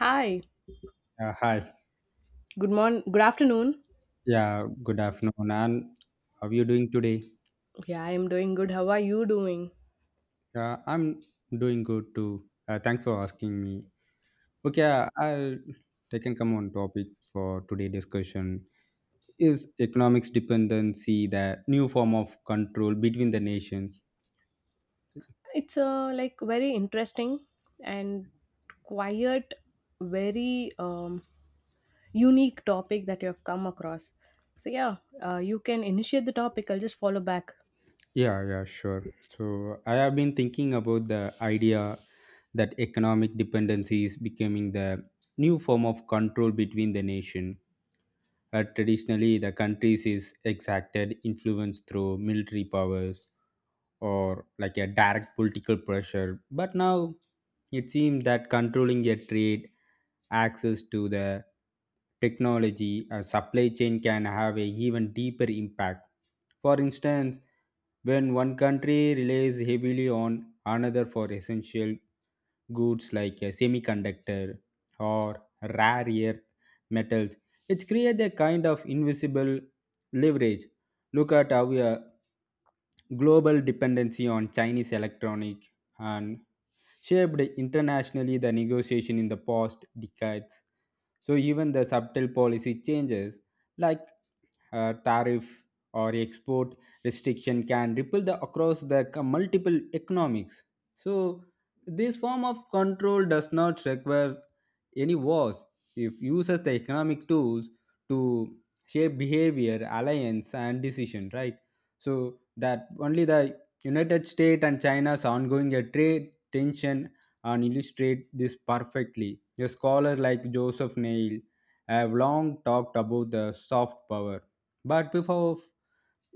Hi. Hi. Good morning. Good afternoon. Yeah, good afternoon. And how are you doing today? Yeah, I am doing good. How are you doing? I'm doing good too. Thanks for asking me. Okay, I'll take and come on topic for today discussion. Is economics dependency the new form of control between the nations? It's like very interesting and quiet, very unique topic that you have come across. So yeah, you can initiate the topic. I'll just follow back. Yeah, yeah, sure. So I have been thinking about the idea that economic dependency is becoming the new form of control between the nation. Traditionally, the countries is exacted influence through military powers or like a direct political pressure. But now it seems that controlling their trade, access to the technology and supply chain can have a even deeper impact. For instance, when one country relies heavily on another for essential goods like a semiconductor or rare earth metals, it creates a kind of invisible leverage. Look at how a global dependency on Chinese electronic and shaped internationally the negotiation in the past decades. So even the subtle policy changes like tariff or export restriction can ripple the, across the multiple economics. So this form of control does not require any wars. It uses the economic tools to shape behavior, alliance, and decision. Right. So that only the United States and China's ongoing trade tension and illustrate this perfectly. The scholars like Joseph Neil have long talked about the soft power, but before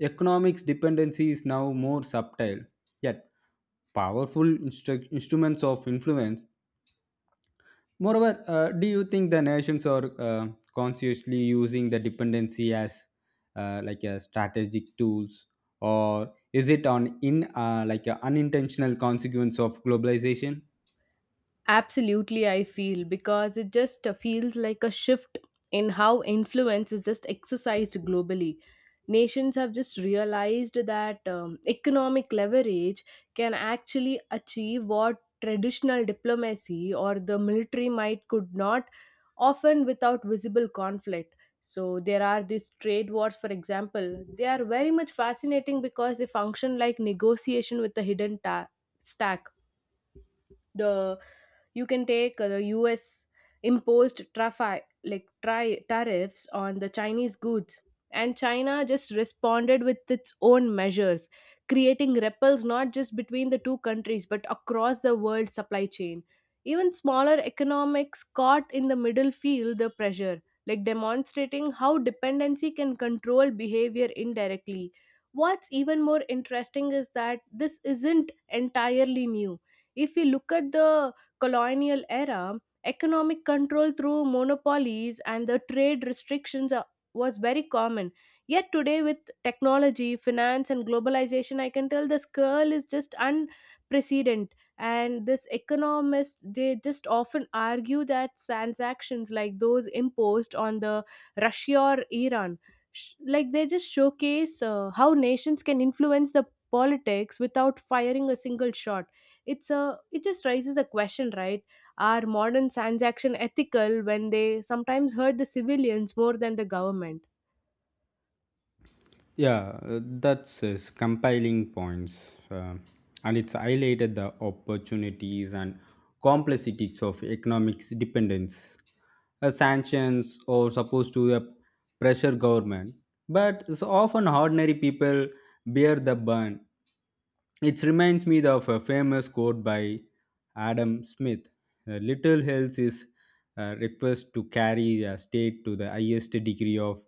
economics dependency is now more subtle, yet powerful instruments of influence. Moreover, do you think the nations are consciously using the dependency as like a strategic tools, or is it on in like an unintentional consequence of globalization? Absolutely, I feel because it just feels like a shift in how influence is just exercised globally. Nations have just realized that economic leverage can actually achieve what traditional diplomacy or the military might could not, often without visible conflict. So there are these trade wars, for example. They are very much fascinating because they function like negotiation with a hidden stack. The You can take the US imposed tariffs on the Chinese goods, and China just responded with its own measures, creating ripples not just between the two countries but across the world supply chain. Even smaller economics caught in the middle feel the pressure, like demonstrating how dependency can control behavior indirectly. What's even more interesting is that this isn't entirely new. If we look at the colonial era, economic control through monopolies and the trade restrictions was very common. Yet today, with technology, finance, and globalization, I can tell the scale is just unprecedented. And this economist, they just often argue that transactions like those imposed on the Russia or Iran, they just showcase how nations can influence the politics without firing a single shot. It's a, it just raises a question, right? Are modern science action ethical when they sometimes hurt the civilians more than the government? Yeah, that's his compiling points. uh, and it's highlighted the opportunities and complexities of economic dependence. Sanctions are supposed to pressure government, but it's often ordinary people bear the burn. It reminds me of a famous quote by Adam Smith: Little else is a request to carry a state to the highest degree of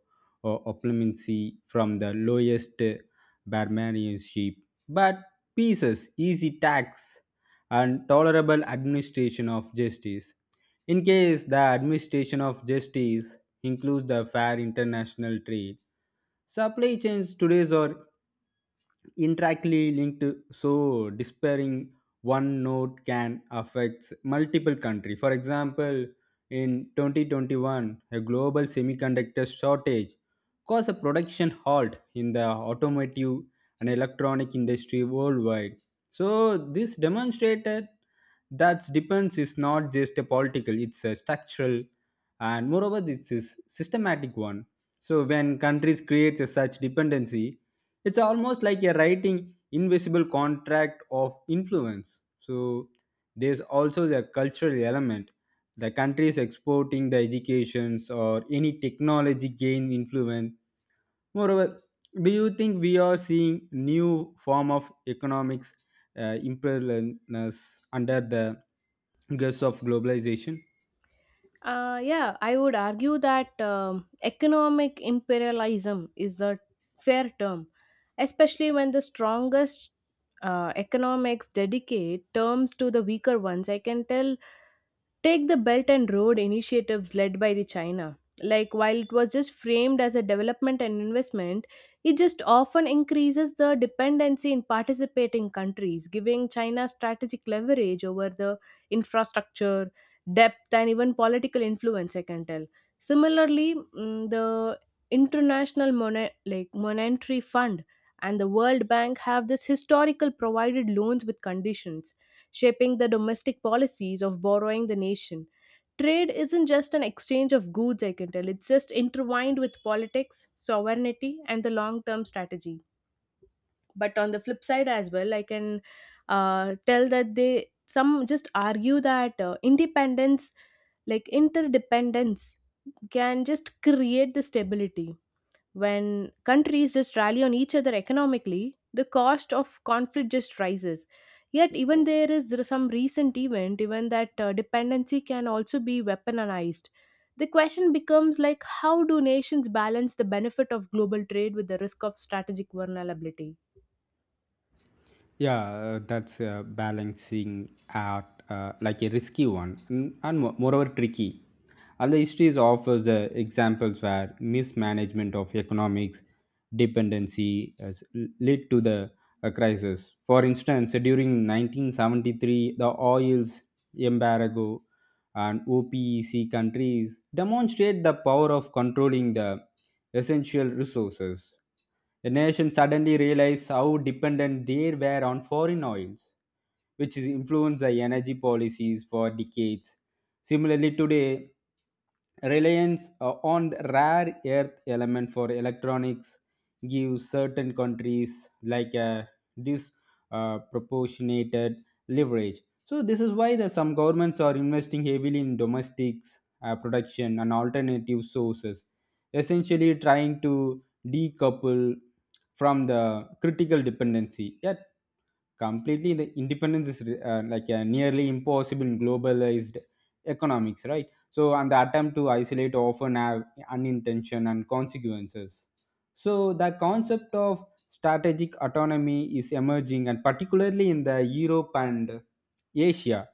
opulency from the lowest barbarianship, but pieces, easy tax, and tolerable administration of justice." In case the administration of justice includes the fair international trade, supply chains today are interactly linked, so despairing one node can affect multiple country. For example, in 2021 a global semiconductor shortage caused a production halt in the automotive and electronic industry worldwide. So this demonstrated that dependence is not just a political, it's a structural, and moreover this is systematic one. So when countries create a such dependency, it's almost like you're writing invisible contract of influence. So there's also the cultural element. The countries exporting the educations or any technology gain influence. Moreover, do you think we are seeing new form of economics imperialness under the guise of globalization? Yeah, I would argue that economic imperialism is a fair term, especially when the strongest economics dedicate terms to the weaker ones, I can tell. Take the Belt and Road initiatives led by the China. Like, while it was just framed as a development and investment, it just often increases the dependency in participating countries, giving China strategic leverage over the infrastructure, depth, and even political influence. I can tell. Similarly, the International Monet- like Monetary Fund and the World Bank have this historical provided loans with conditions, shaping the domestic policies of borrowing the nation. Trade isn't just an exchange of goods, I can tell. It's just intertwined with politics, sovereignty, and the long term strategy. But on the flip side as well, I can tell that they some just argue that independence, like interdependence, can just create the stability. When countries just rally on each other economically, the cost of conflict just rises. Yet, even there is some recent event, even that dependency can also be weaponized. The question becomes like, how do nations balance the benefit of global trade with the risk of strategic vulnerability? Yeah, that's a balancing act, like a risky one, and moreover tricky. And the history offers examples where mismanagement of economics dependency has led to the crisis. For instance, during 1973, the oil's embargo and OPEC countries demonstrate the power of controlling the essential resources. The nation suddenly realized how dependent they were on foreign oils, which influenced the energy policies for decades. Similarly, today, reliance on the rare earth element for electronics gives certain countries like a disproportionate leverage. So this is why the some governments are investing heavily in domestics production and alternative sources, essentially trying to decouple from the critical dependency. Yet, completely the independence is like a nearly impossible in globalized economics, right? So, and the attempt to isolate often have unintention and consequences. So, the concept of strategic autonomy is emerging, and particularly in the Europe and Asia.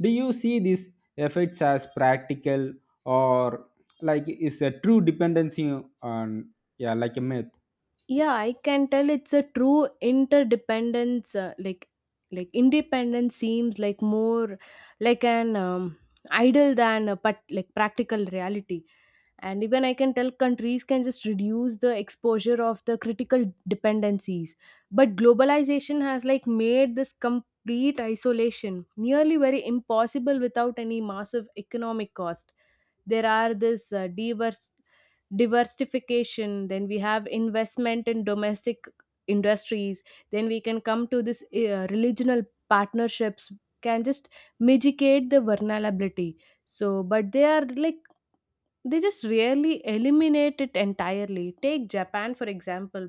Do you see these effects as practical or like is a true dependency on, yeah, like a myth? Yeah, I can tell it's a true interdependence, like independence seems like more like an idol than a but like practical reality. And even I can tell countries can just reduce the exposure of the critical dependencies, but globalization has like made this complete isolation nearly very impossible without any massive economic cost. There are this diverse diversification, then we have investment in domestic industries, then we can come to this regional partnerships can just mitigate the vulnerability. So, but they are like, they just rarely eliminate it entirely. Take Japan, for example.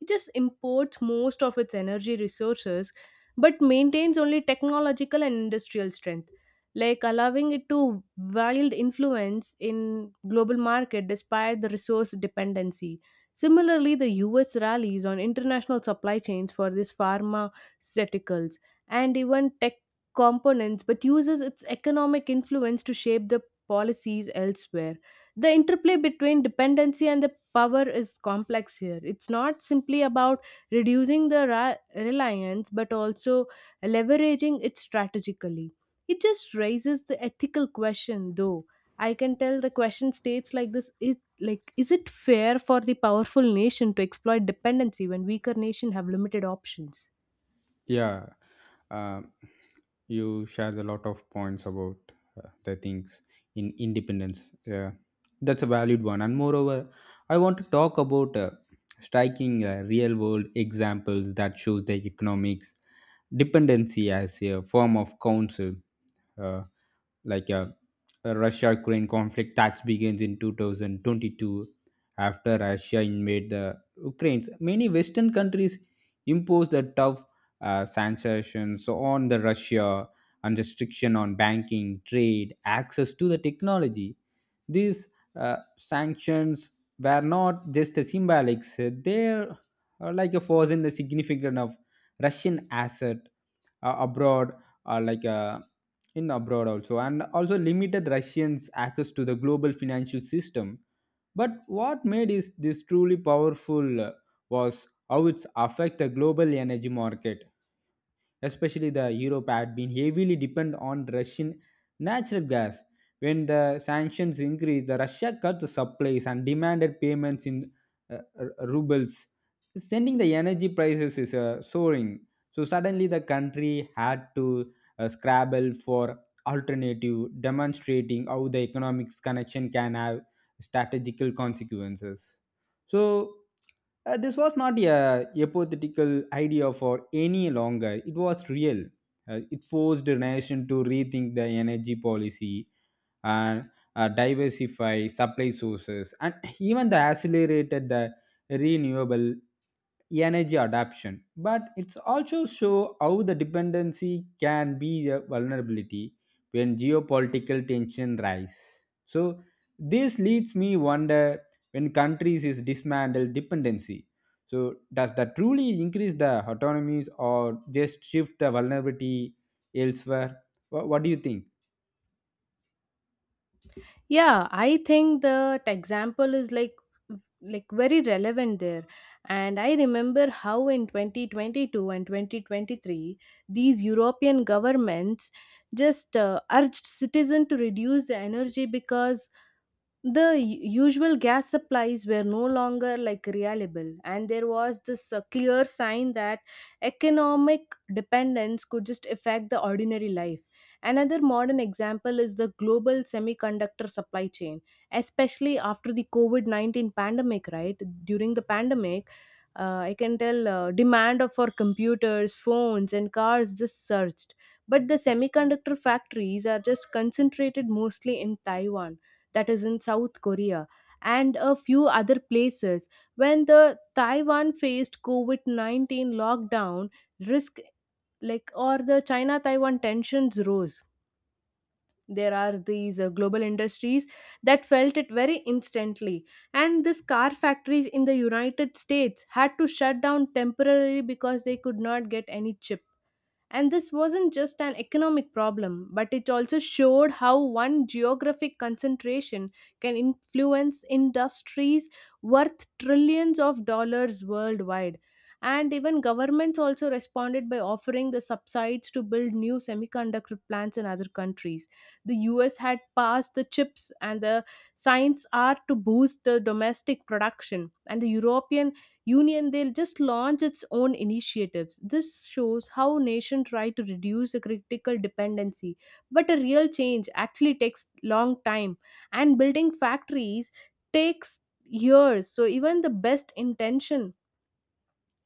It just imports most of its energy resources but maintains only technological and industrial strength, like allowing it to wield influence in global market despite the resource dependency. Similarly, the US rallies on international supply chains for these pharmaceuticals and even tech components, but uses its economic influence to shape the policies elsewhere. The interplay between dependency and the power is complex here. It's not simply about reducing the reliance but also leveraging it strategically. It just raises the ethical question, though. I can tell the question states like this, like, is it fair for the powerful nation to exploit dependency when weaker nation have limited options? Yeah, um, you shares a lot of points about the things in independence. Yeah, that's a valid one. And moreover, I want to talk about striking real world examples that shows the economics dependency as a form of counsel. Uh, like uh, a Russia Ukraine conflict that begins in 2022 after Russia invaded the Ukraine. Many Western countries impose the tough sanctions so on the Russia and restriction on banking, trade, access to the technology. These sanctions were not just a symbolic; they're like a force in the significance of Russian asset abroad, uh, like uh, in abroad also, and also limited Russians' access to the global financial system. But what made is this truly powerful was how it's affect the global energy market, especially the Europe had been heavily dependent on Russian natural gas. When the sanctions increased, the Russia cut the supplies and demanded payments in rubles, sending the energy prices is soaring. So suddenly, the country had to scrabble for alternative, demonstrating how the economics connection can have strategical consequences. So this was not a hypothetical idea for any longer. It was real. It forced the nation to rethink the energy policy and diversify supply sources, and even the accelerated the renewable energy adoption. But it's also show how the dependency can be a vulnerability when geopolitical tension rise. So this leads me wonder, when countries is dismantled dependency, so does that truly increase the autonomies or just shift the vulnerability elsewhere? What do you think? Yeah, I think that example is like very relevant there. And I remember how in 2022 and 2023 these european governments just urged citizens to reduce the energy because the usual gas supplies were no longer like reliable, and there was this clear sign that economic dependence could just affect the ordinary life. Another modern example is the global semiconductor supply chain, especially after the covid-19 pandemic, right? During the pandemic, I can tell demand for computers, phones, and cars just surged, but the semiconductor factories are just concentrated mostly in Taiwan, that is, in South Korea, and a few other places. When the Taiwan faced COVID 19 lockdown, risk like or the china taiwan tensions rose, there are these global industries that felt it very instantly, and these car factories in the united states had to shut down temporarily because they could not get any chip. And this wasn't just an economic problem, but it also showed how one geographic concentration can influence industries worth trillions of dollars worldwide. And even governments also responded by offering the subsidies to build new semiconductor plants in other countries. The US had passed the Chips and the Science Act to boost the domestic production, and the European Union, they'll just launch its own initiatives. This shows how nations try to reduce a critical dependency, but a real change actually takes long time, and building factories takes years. So even the best intention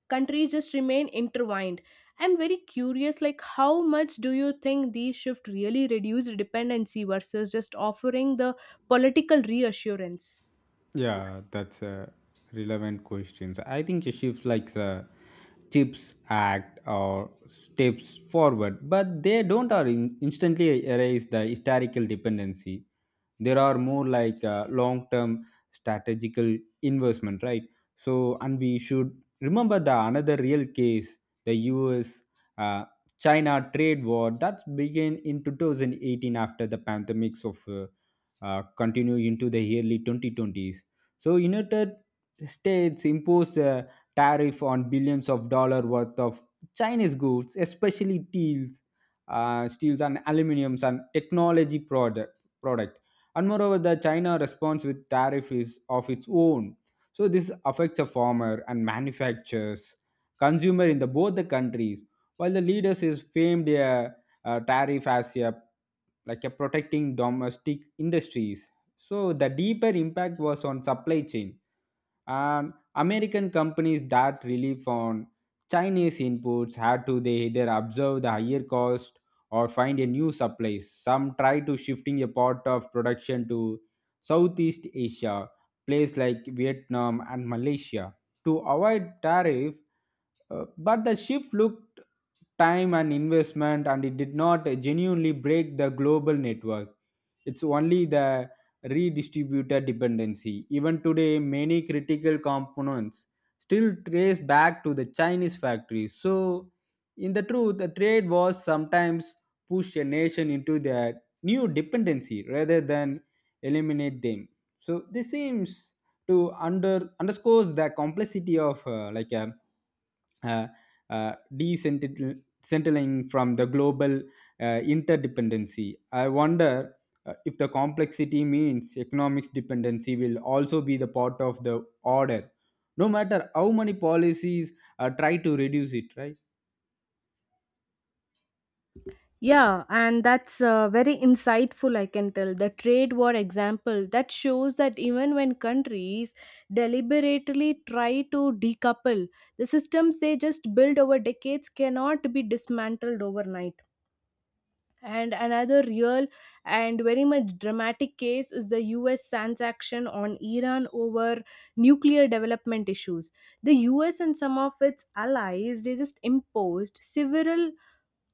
countries just remain intertwined. I'm very curious, like, how much do you think these shift really reduce dependency versus just offering the political reassurance? Yeah, that's a relevant question. So, I think shifts like the Chips Act or steps forward, but they don't are instantly erase the historical dependency. There are more like long-term strategical investment, right? So, and we should remember the another real case, the U.S. Uh, China trade war that began in 2018 after the pandemics of continue into the early 2020s. So United States imposed a tariff on billions of dollar worth of Chinese goods, especially steels, steels and aluminiums and technology product. And moreover, the China response with tariff is of its own. So this affects the farmer and manufacturers, consumer in the both the countries. While the leaders is famed a tariff as a like a protecting domestic industries, so the deeper impact was on supply chain, and American companies that rely on Chinese inputs had to they either observe the higher cost or find a new supply. Some try to shifting a part of production to Southeast Asia, places like Vietnam and Malaysia, to avoid tariff, but the shift looked time and investment and it did not genuinely break the global network. It's only the redistributed dependency. Even today, many critical components still trace back to the Chinese factory. So, in the truth, the trade wars sometimes push a nation into their new dependency rather than eliminate them. So, this seems to under underscores the complexity of uh, decentling from the global interdependency. I wonder if the complexity means economics dependency will also be the part of the order, no matter how many policies try to reduce it, right? Yeah, and that's very insightful, I can tell. The trade war example that shows that even when countries deliberately try to decouple, the systems they just build over decades cannot be dismantled overnight. And another real and very much dramatic case is the US sanction on Iran over nuclear development issues. The US and some of its allies, they just imposed several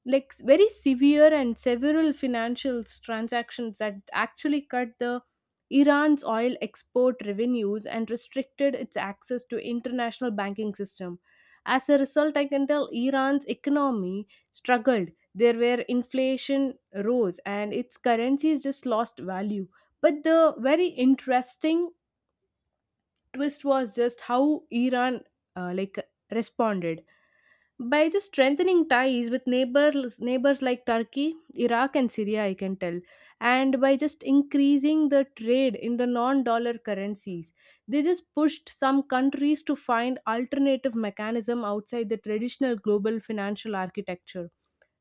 very severe and several financial transactions that actually cut the Iran's oil export revenues and restricted its access to international banking system. As a result, I can tell Iran's economy struggled. There were inflation rose and its currency just lost value. But the very interesting twist was just how Iran uh, like responded by just strengthening ties with neighbors like Turkey, Iraq, and Syria, I can tell, and by just increasing the trade in the non dollar currencies. They just pushed some countries to find alternative mechanism outside the traditional global financial architecture.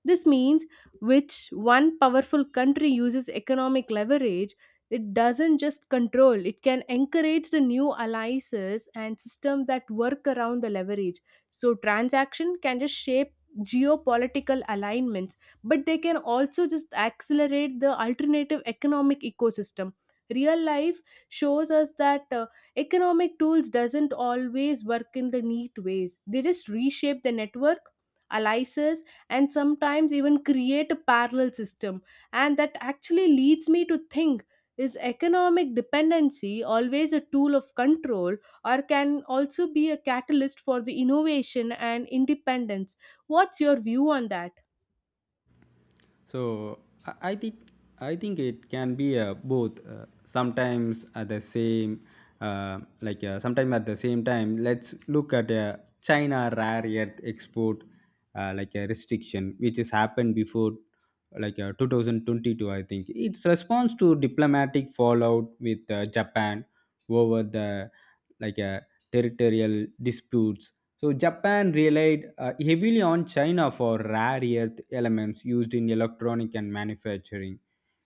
This means which one powerful country uses economic leverage, it doesn't just control, it can encourage the new alliances and systems that work around the leverage. So transaction can just shape geopolitical alignments, but they can also just accelerate the alternative economic ecosystem. Real life shows us that economic tools doesn't always work in the neat ways. They just reshape the network, alliances, and sometimes even create a parallel system. And that actually leads me to think, is economic dependency always a tool of control, or can also be a catalyst for the innovation and independence? What's your view on that? So I, I think I think it can be both. Sometimes at the same, sometime at the same time. Let's look at China rare earth export, like a restriction which has happened before, like 2022. I think its response to diplomatic fallout with Japan over the like uh, territorial disputes. So Japan relied heavily on China for rare earth elements used in electronic and manufacturing.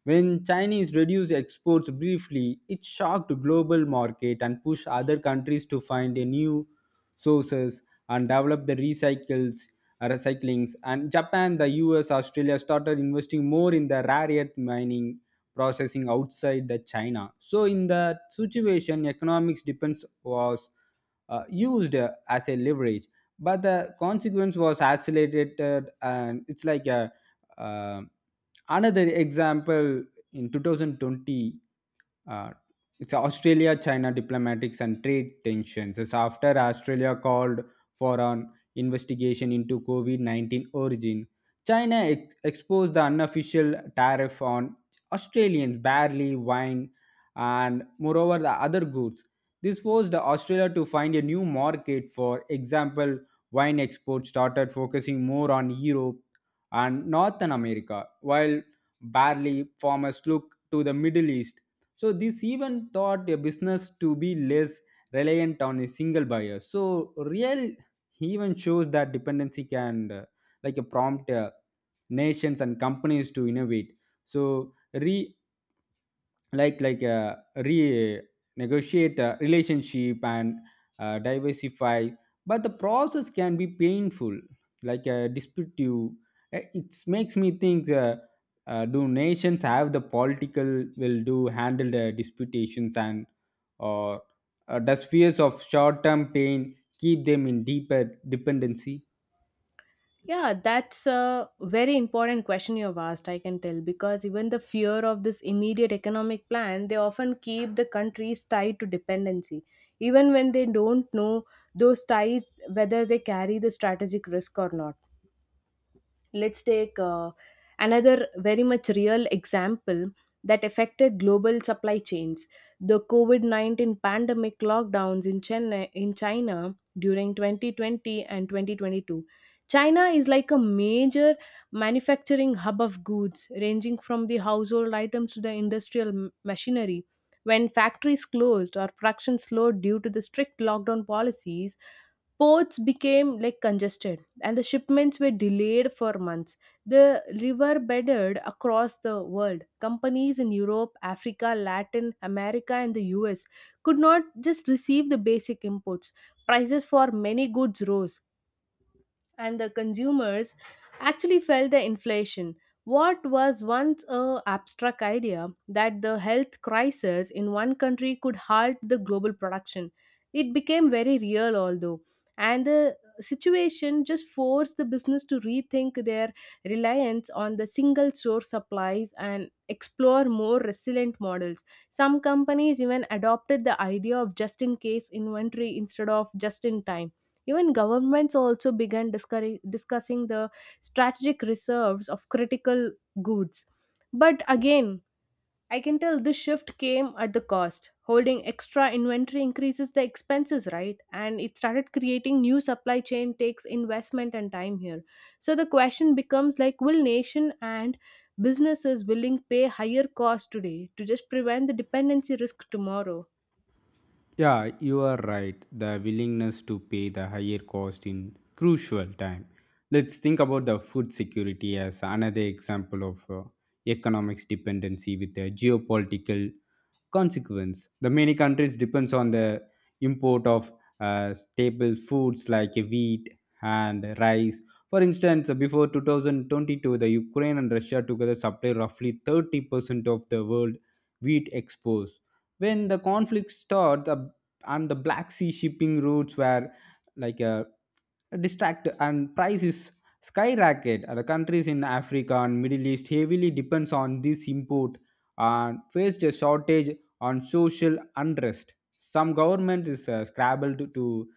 When Chinese reduced exports briefly, it shocked the global market and pushed other countries to find a new sources and develop the recycles recyclings. And Japan, the US, Australia started investing more in the rare earth mining processing outside the China. So in that situation economics depends was used as a leverage, but the consequence was accelerated. And it's like a uh, another example in 2020, uh, it's Australia China diplomatics and trade tensions, it's after Australia called for an investigation into covid-19 origin. China exposed the unofficial tariff on Australians, barley, wine, and moreover the other goods. This forced Australia to find a new market. For example, wine exports started focusing more on Europe and Northern America, while barley farmers looked to the Middle East. So this even taught a business to be less reliant on a single buyer. So real even shows that dependency can like a prompt nations and companies to innovate. So re like re negotiate a relationship and diversify, but the process can be painful like a dispute. It makes me think, do nations have the political will do handle the disputations and, or does fears of short term pain keep them in deeper dependency? Yeah, that's a very important question you've asked, I can tell, because even the fear of this immediate economic plan, they often keep the countries tied to dependency, even when they don't know those ties whether they carry the strategic risk or not. Let's take another very much real example that affected global supply chains. The COVID 19 pandemic lockdowns in Chennai, in China during 2020 and 2022. China is like a major manufacturing hub of goods, ranging from the household items to the industrial machinery. When factories closed or production slowed due to the strict lockdown policies, ports became like congested and the shipments were delayed for months. The river bedded across the world. Companies in Europe, Africa, Latin America, and the US could not just receive the basic imports. Prices for many goods rose and the consumers actually felt the inflation. What was once a abstract idea that the health crisis in one country could halt the global production, it became very real, although, and the situation just forced the business to rethink their reliance on the single source supplies and explore more resilient models. Some companies even adopted the idea of just in case inventory instead of just in time. Even governments also began discussing the strategic reserves of critical goods. But again, I can tell this shift came at the cost. Holding extra inventory increases the expenses, right? And it started creating new supply chain takes investment and time here. So the question becomes like, will nation and businesses willing pay higher cost today to just prevent the dependency risk tomorrow? Yeah, you are right. The willingness to pay the higher cost in crucial time. Let's think about the food security as another example of economics dependency with a geopolitical consequence. The many countries depends on the import of staple foods like wheat and rice. For instance, before 2022, the Ukraine and Russia together supply roughly 30% of the world wheat exports. When the conflict started, and the Black Sea shipping routes were like a distract and prices skyrocket. The countries in Africa and Middle East heavily depends on this import and faced a shortage on social unrest. Some government is scrambled to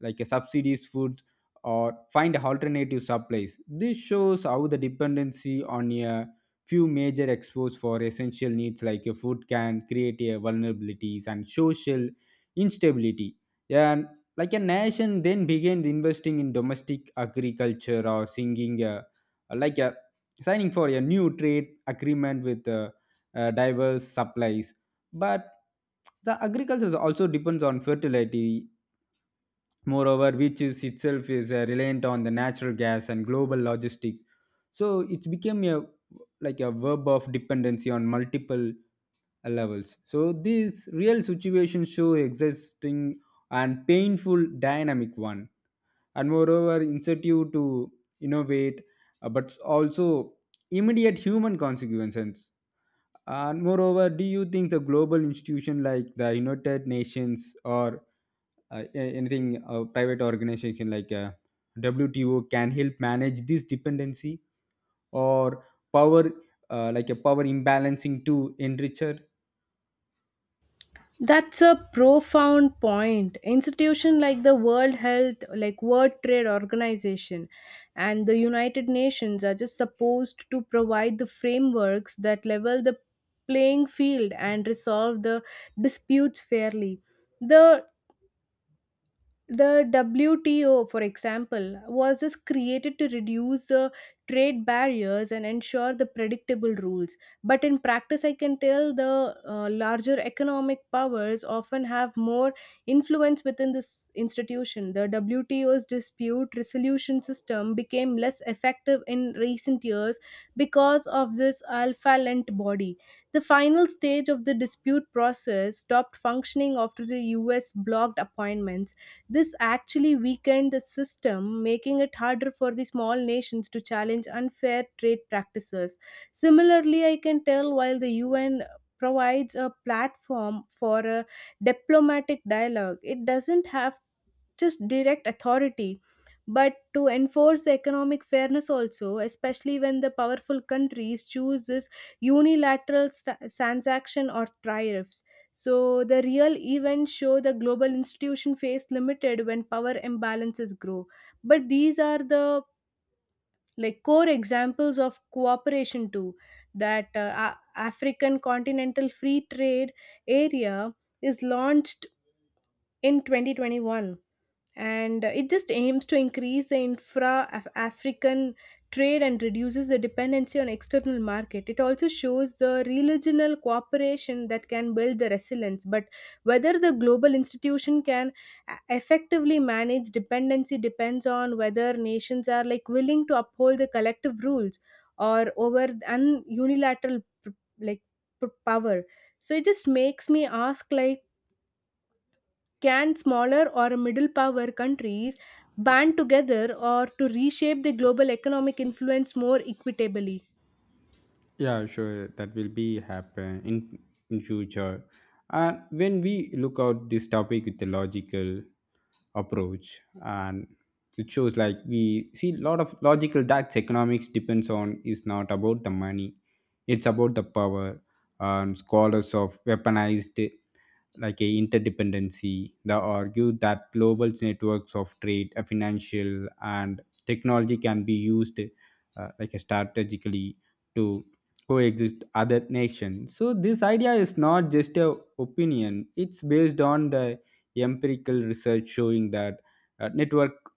like a subsidies food or find alternative supplies. This shows how the dependency on a few major exports for essential needs like a food can create a vulnerabilities and social instability. And like a nation then began investing in domestic agriculture or singing like a signing for a new trade agreement with diverse supplies. But the agriculture also depends on fertility. Moreover, which is itself is reliant on the natural gas and global logistic. So it's become a verb of dependency on multiple levels. So these real situations show existing and painful dynamic one, and moreover incentive to innovate, but also immediate human consequences. And moreover, do you think the global institution like the United Nations or anything private organization like WTO can help manage this dependency or power, like a power imbalancing to enricher? That's a profound point. Institution like the World Health, like World Trade Organization and the United Nations are just supposed to provide the frameworks that level the playing field and resolve the disputes fairly. The the WTO, for example, was just created to reduce the trade barriers and ensure the predictable rules. But in practice, I can tell the larger economic powers often have more influence within this institution. The WTO's dispute resolution system became less effective in recent years because of this alpha-lent body. The final stage of the dispute process stopped functioning after the US blocked appointments. This actually weakened the system, making it harder for the small nations to challenge unfair trade practices. Similarly, I can tell while the UN provides a platform for a diplomatic dialogue, it doesn't have just direct authority but to enforce the economic fairness also, especially when the powerful countries choose this unilateral transaction or tariffs. So the real events show the global institution face limited when power imbalances grow, but these are the like core examples of cooperation too. That african continental free trade area is launched in 2021, and it just aims to increase the african trade and reduces the dependency on external market. It also shows the regional cooperation that can build the resilience. But whether the global institution can effectively manage dependency depends on whether nations are like willing to uphold the collective rules or over an unilateral like power. So it just makes me ask, like, can smaller or middle power countries band together or to reshape the global economic influence more equitably? Yeah, sure. That will be happen in future. And when we look out this topic with the logical approach, and it shows like we see a lot of logical that economics depends on is not about the money, it's about the power. And scholars of weaponized like a interdependency, they argue that global networks of trade, financial, and technology can be used like a strategically to coexist other nations. So this idea is not just a opinion, it's based on the empirical research showing that network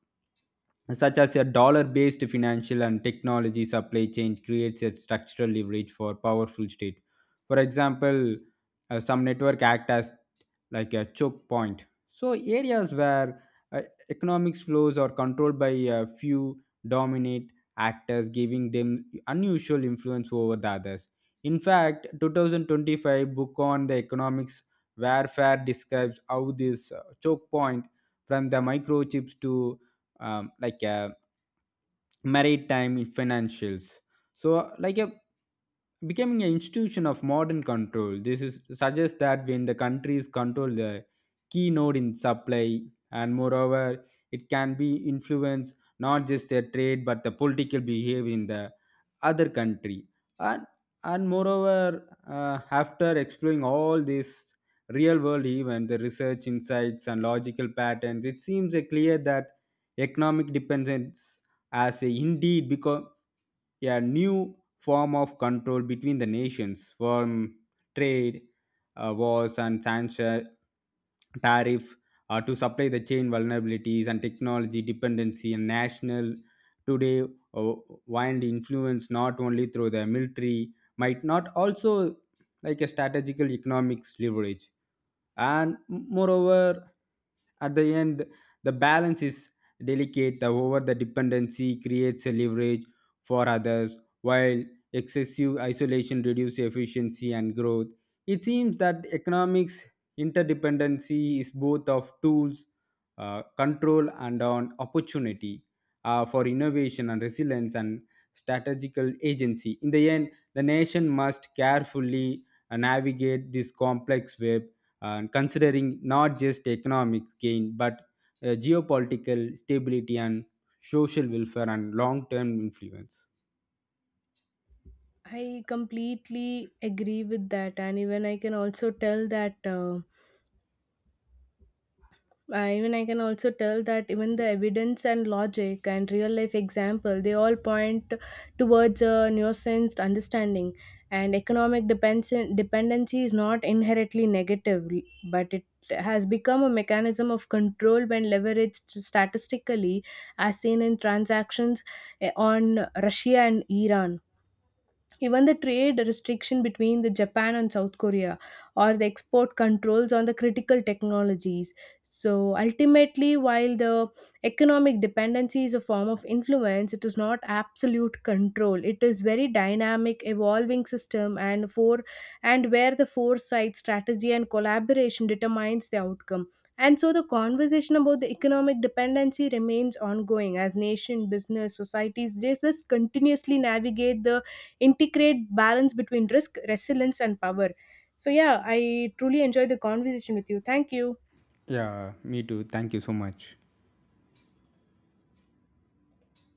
such as a dollar based financial and technology supply chain creates a structural leverage for powerful state. For example, some network act as like a choke point. So areas where uh, economics flows are controlled by a few dominate actors giving them unusual influence over the others. In fact, 2025 book on the economics warfare describes how this choke point from the microchips to like a maritime financials. So like a becoming an institution of modern control. This is suggests that when the countries control the key node in supply, and moreover, it can be influence not just their trade but the political behavior in the other country. And and moreover, after exploring all these real world event, the research insights and logical patterns, it seems clear that economic dependence has indeed become a new form of control between the nations. From trade wars and sanction tariff, to supply the chain vulnerabilities and technology dependency and national today, uh, wind influence not only through the military might not also like a strategical economics leverage. And moreover, at the end, the balance is delicate. The over the dependency creates a leverage for others, while excessive isolation reduces efficiency and growth. It seems that economics interdependency is both of tools, control, and on opportunity for innovation and resilience and strategical agency. In the end, the nation must carefully navigate this complex web and considering not just economic gain but geopolitical stability and social welfare and long-term influence. I completely agree with that, and even I can also tell that. I, even I can also tell that even the evidence and logic and real life example, they all point towards a nuanced understanding. And economic dependency is not inherently negative, but it has become a mechanism of control when leveraged statistically, as seen in transactions on Russia and Iran. Even the trade restriction between the Japan and South Korea or the export controls on the critical technologies. So ultimately, while the economic dependency is a form of influence, it is not absolute control. It is very dynamic, evolving system, and for and where the foresight, strategy, and collaboration determines the outcome. And so the conversation about the economic dependency remains ongoing as nation, business, societies, they just continuously navigate the integrate balance between risk, resilience, and power. So, yeah, I truly enjoy the conversation with you. Thank you. Yeah, me too. Thank you so much.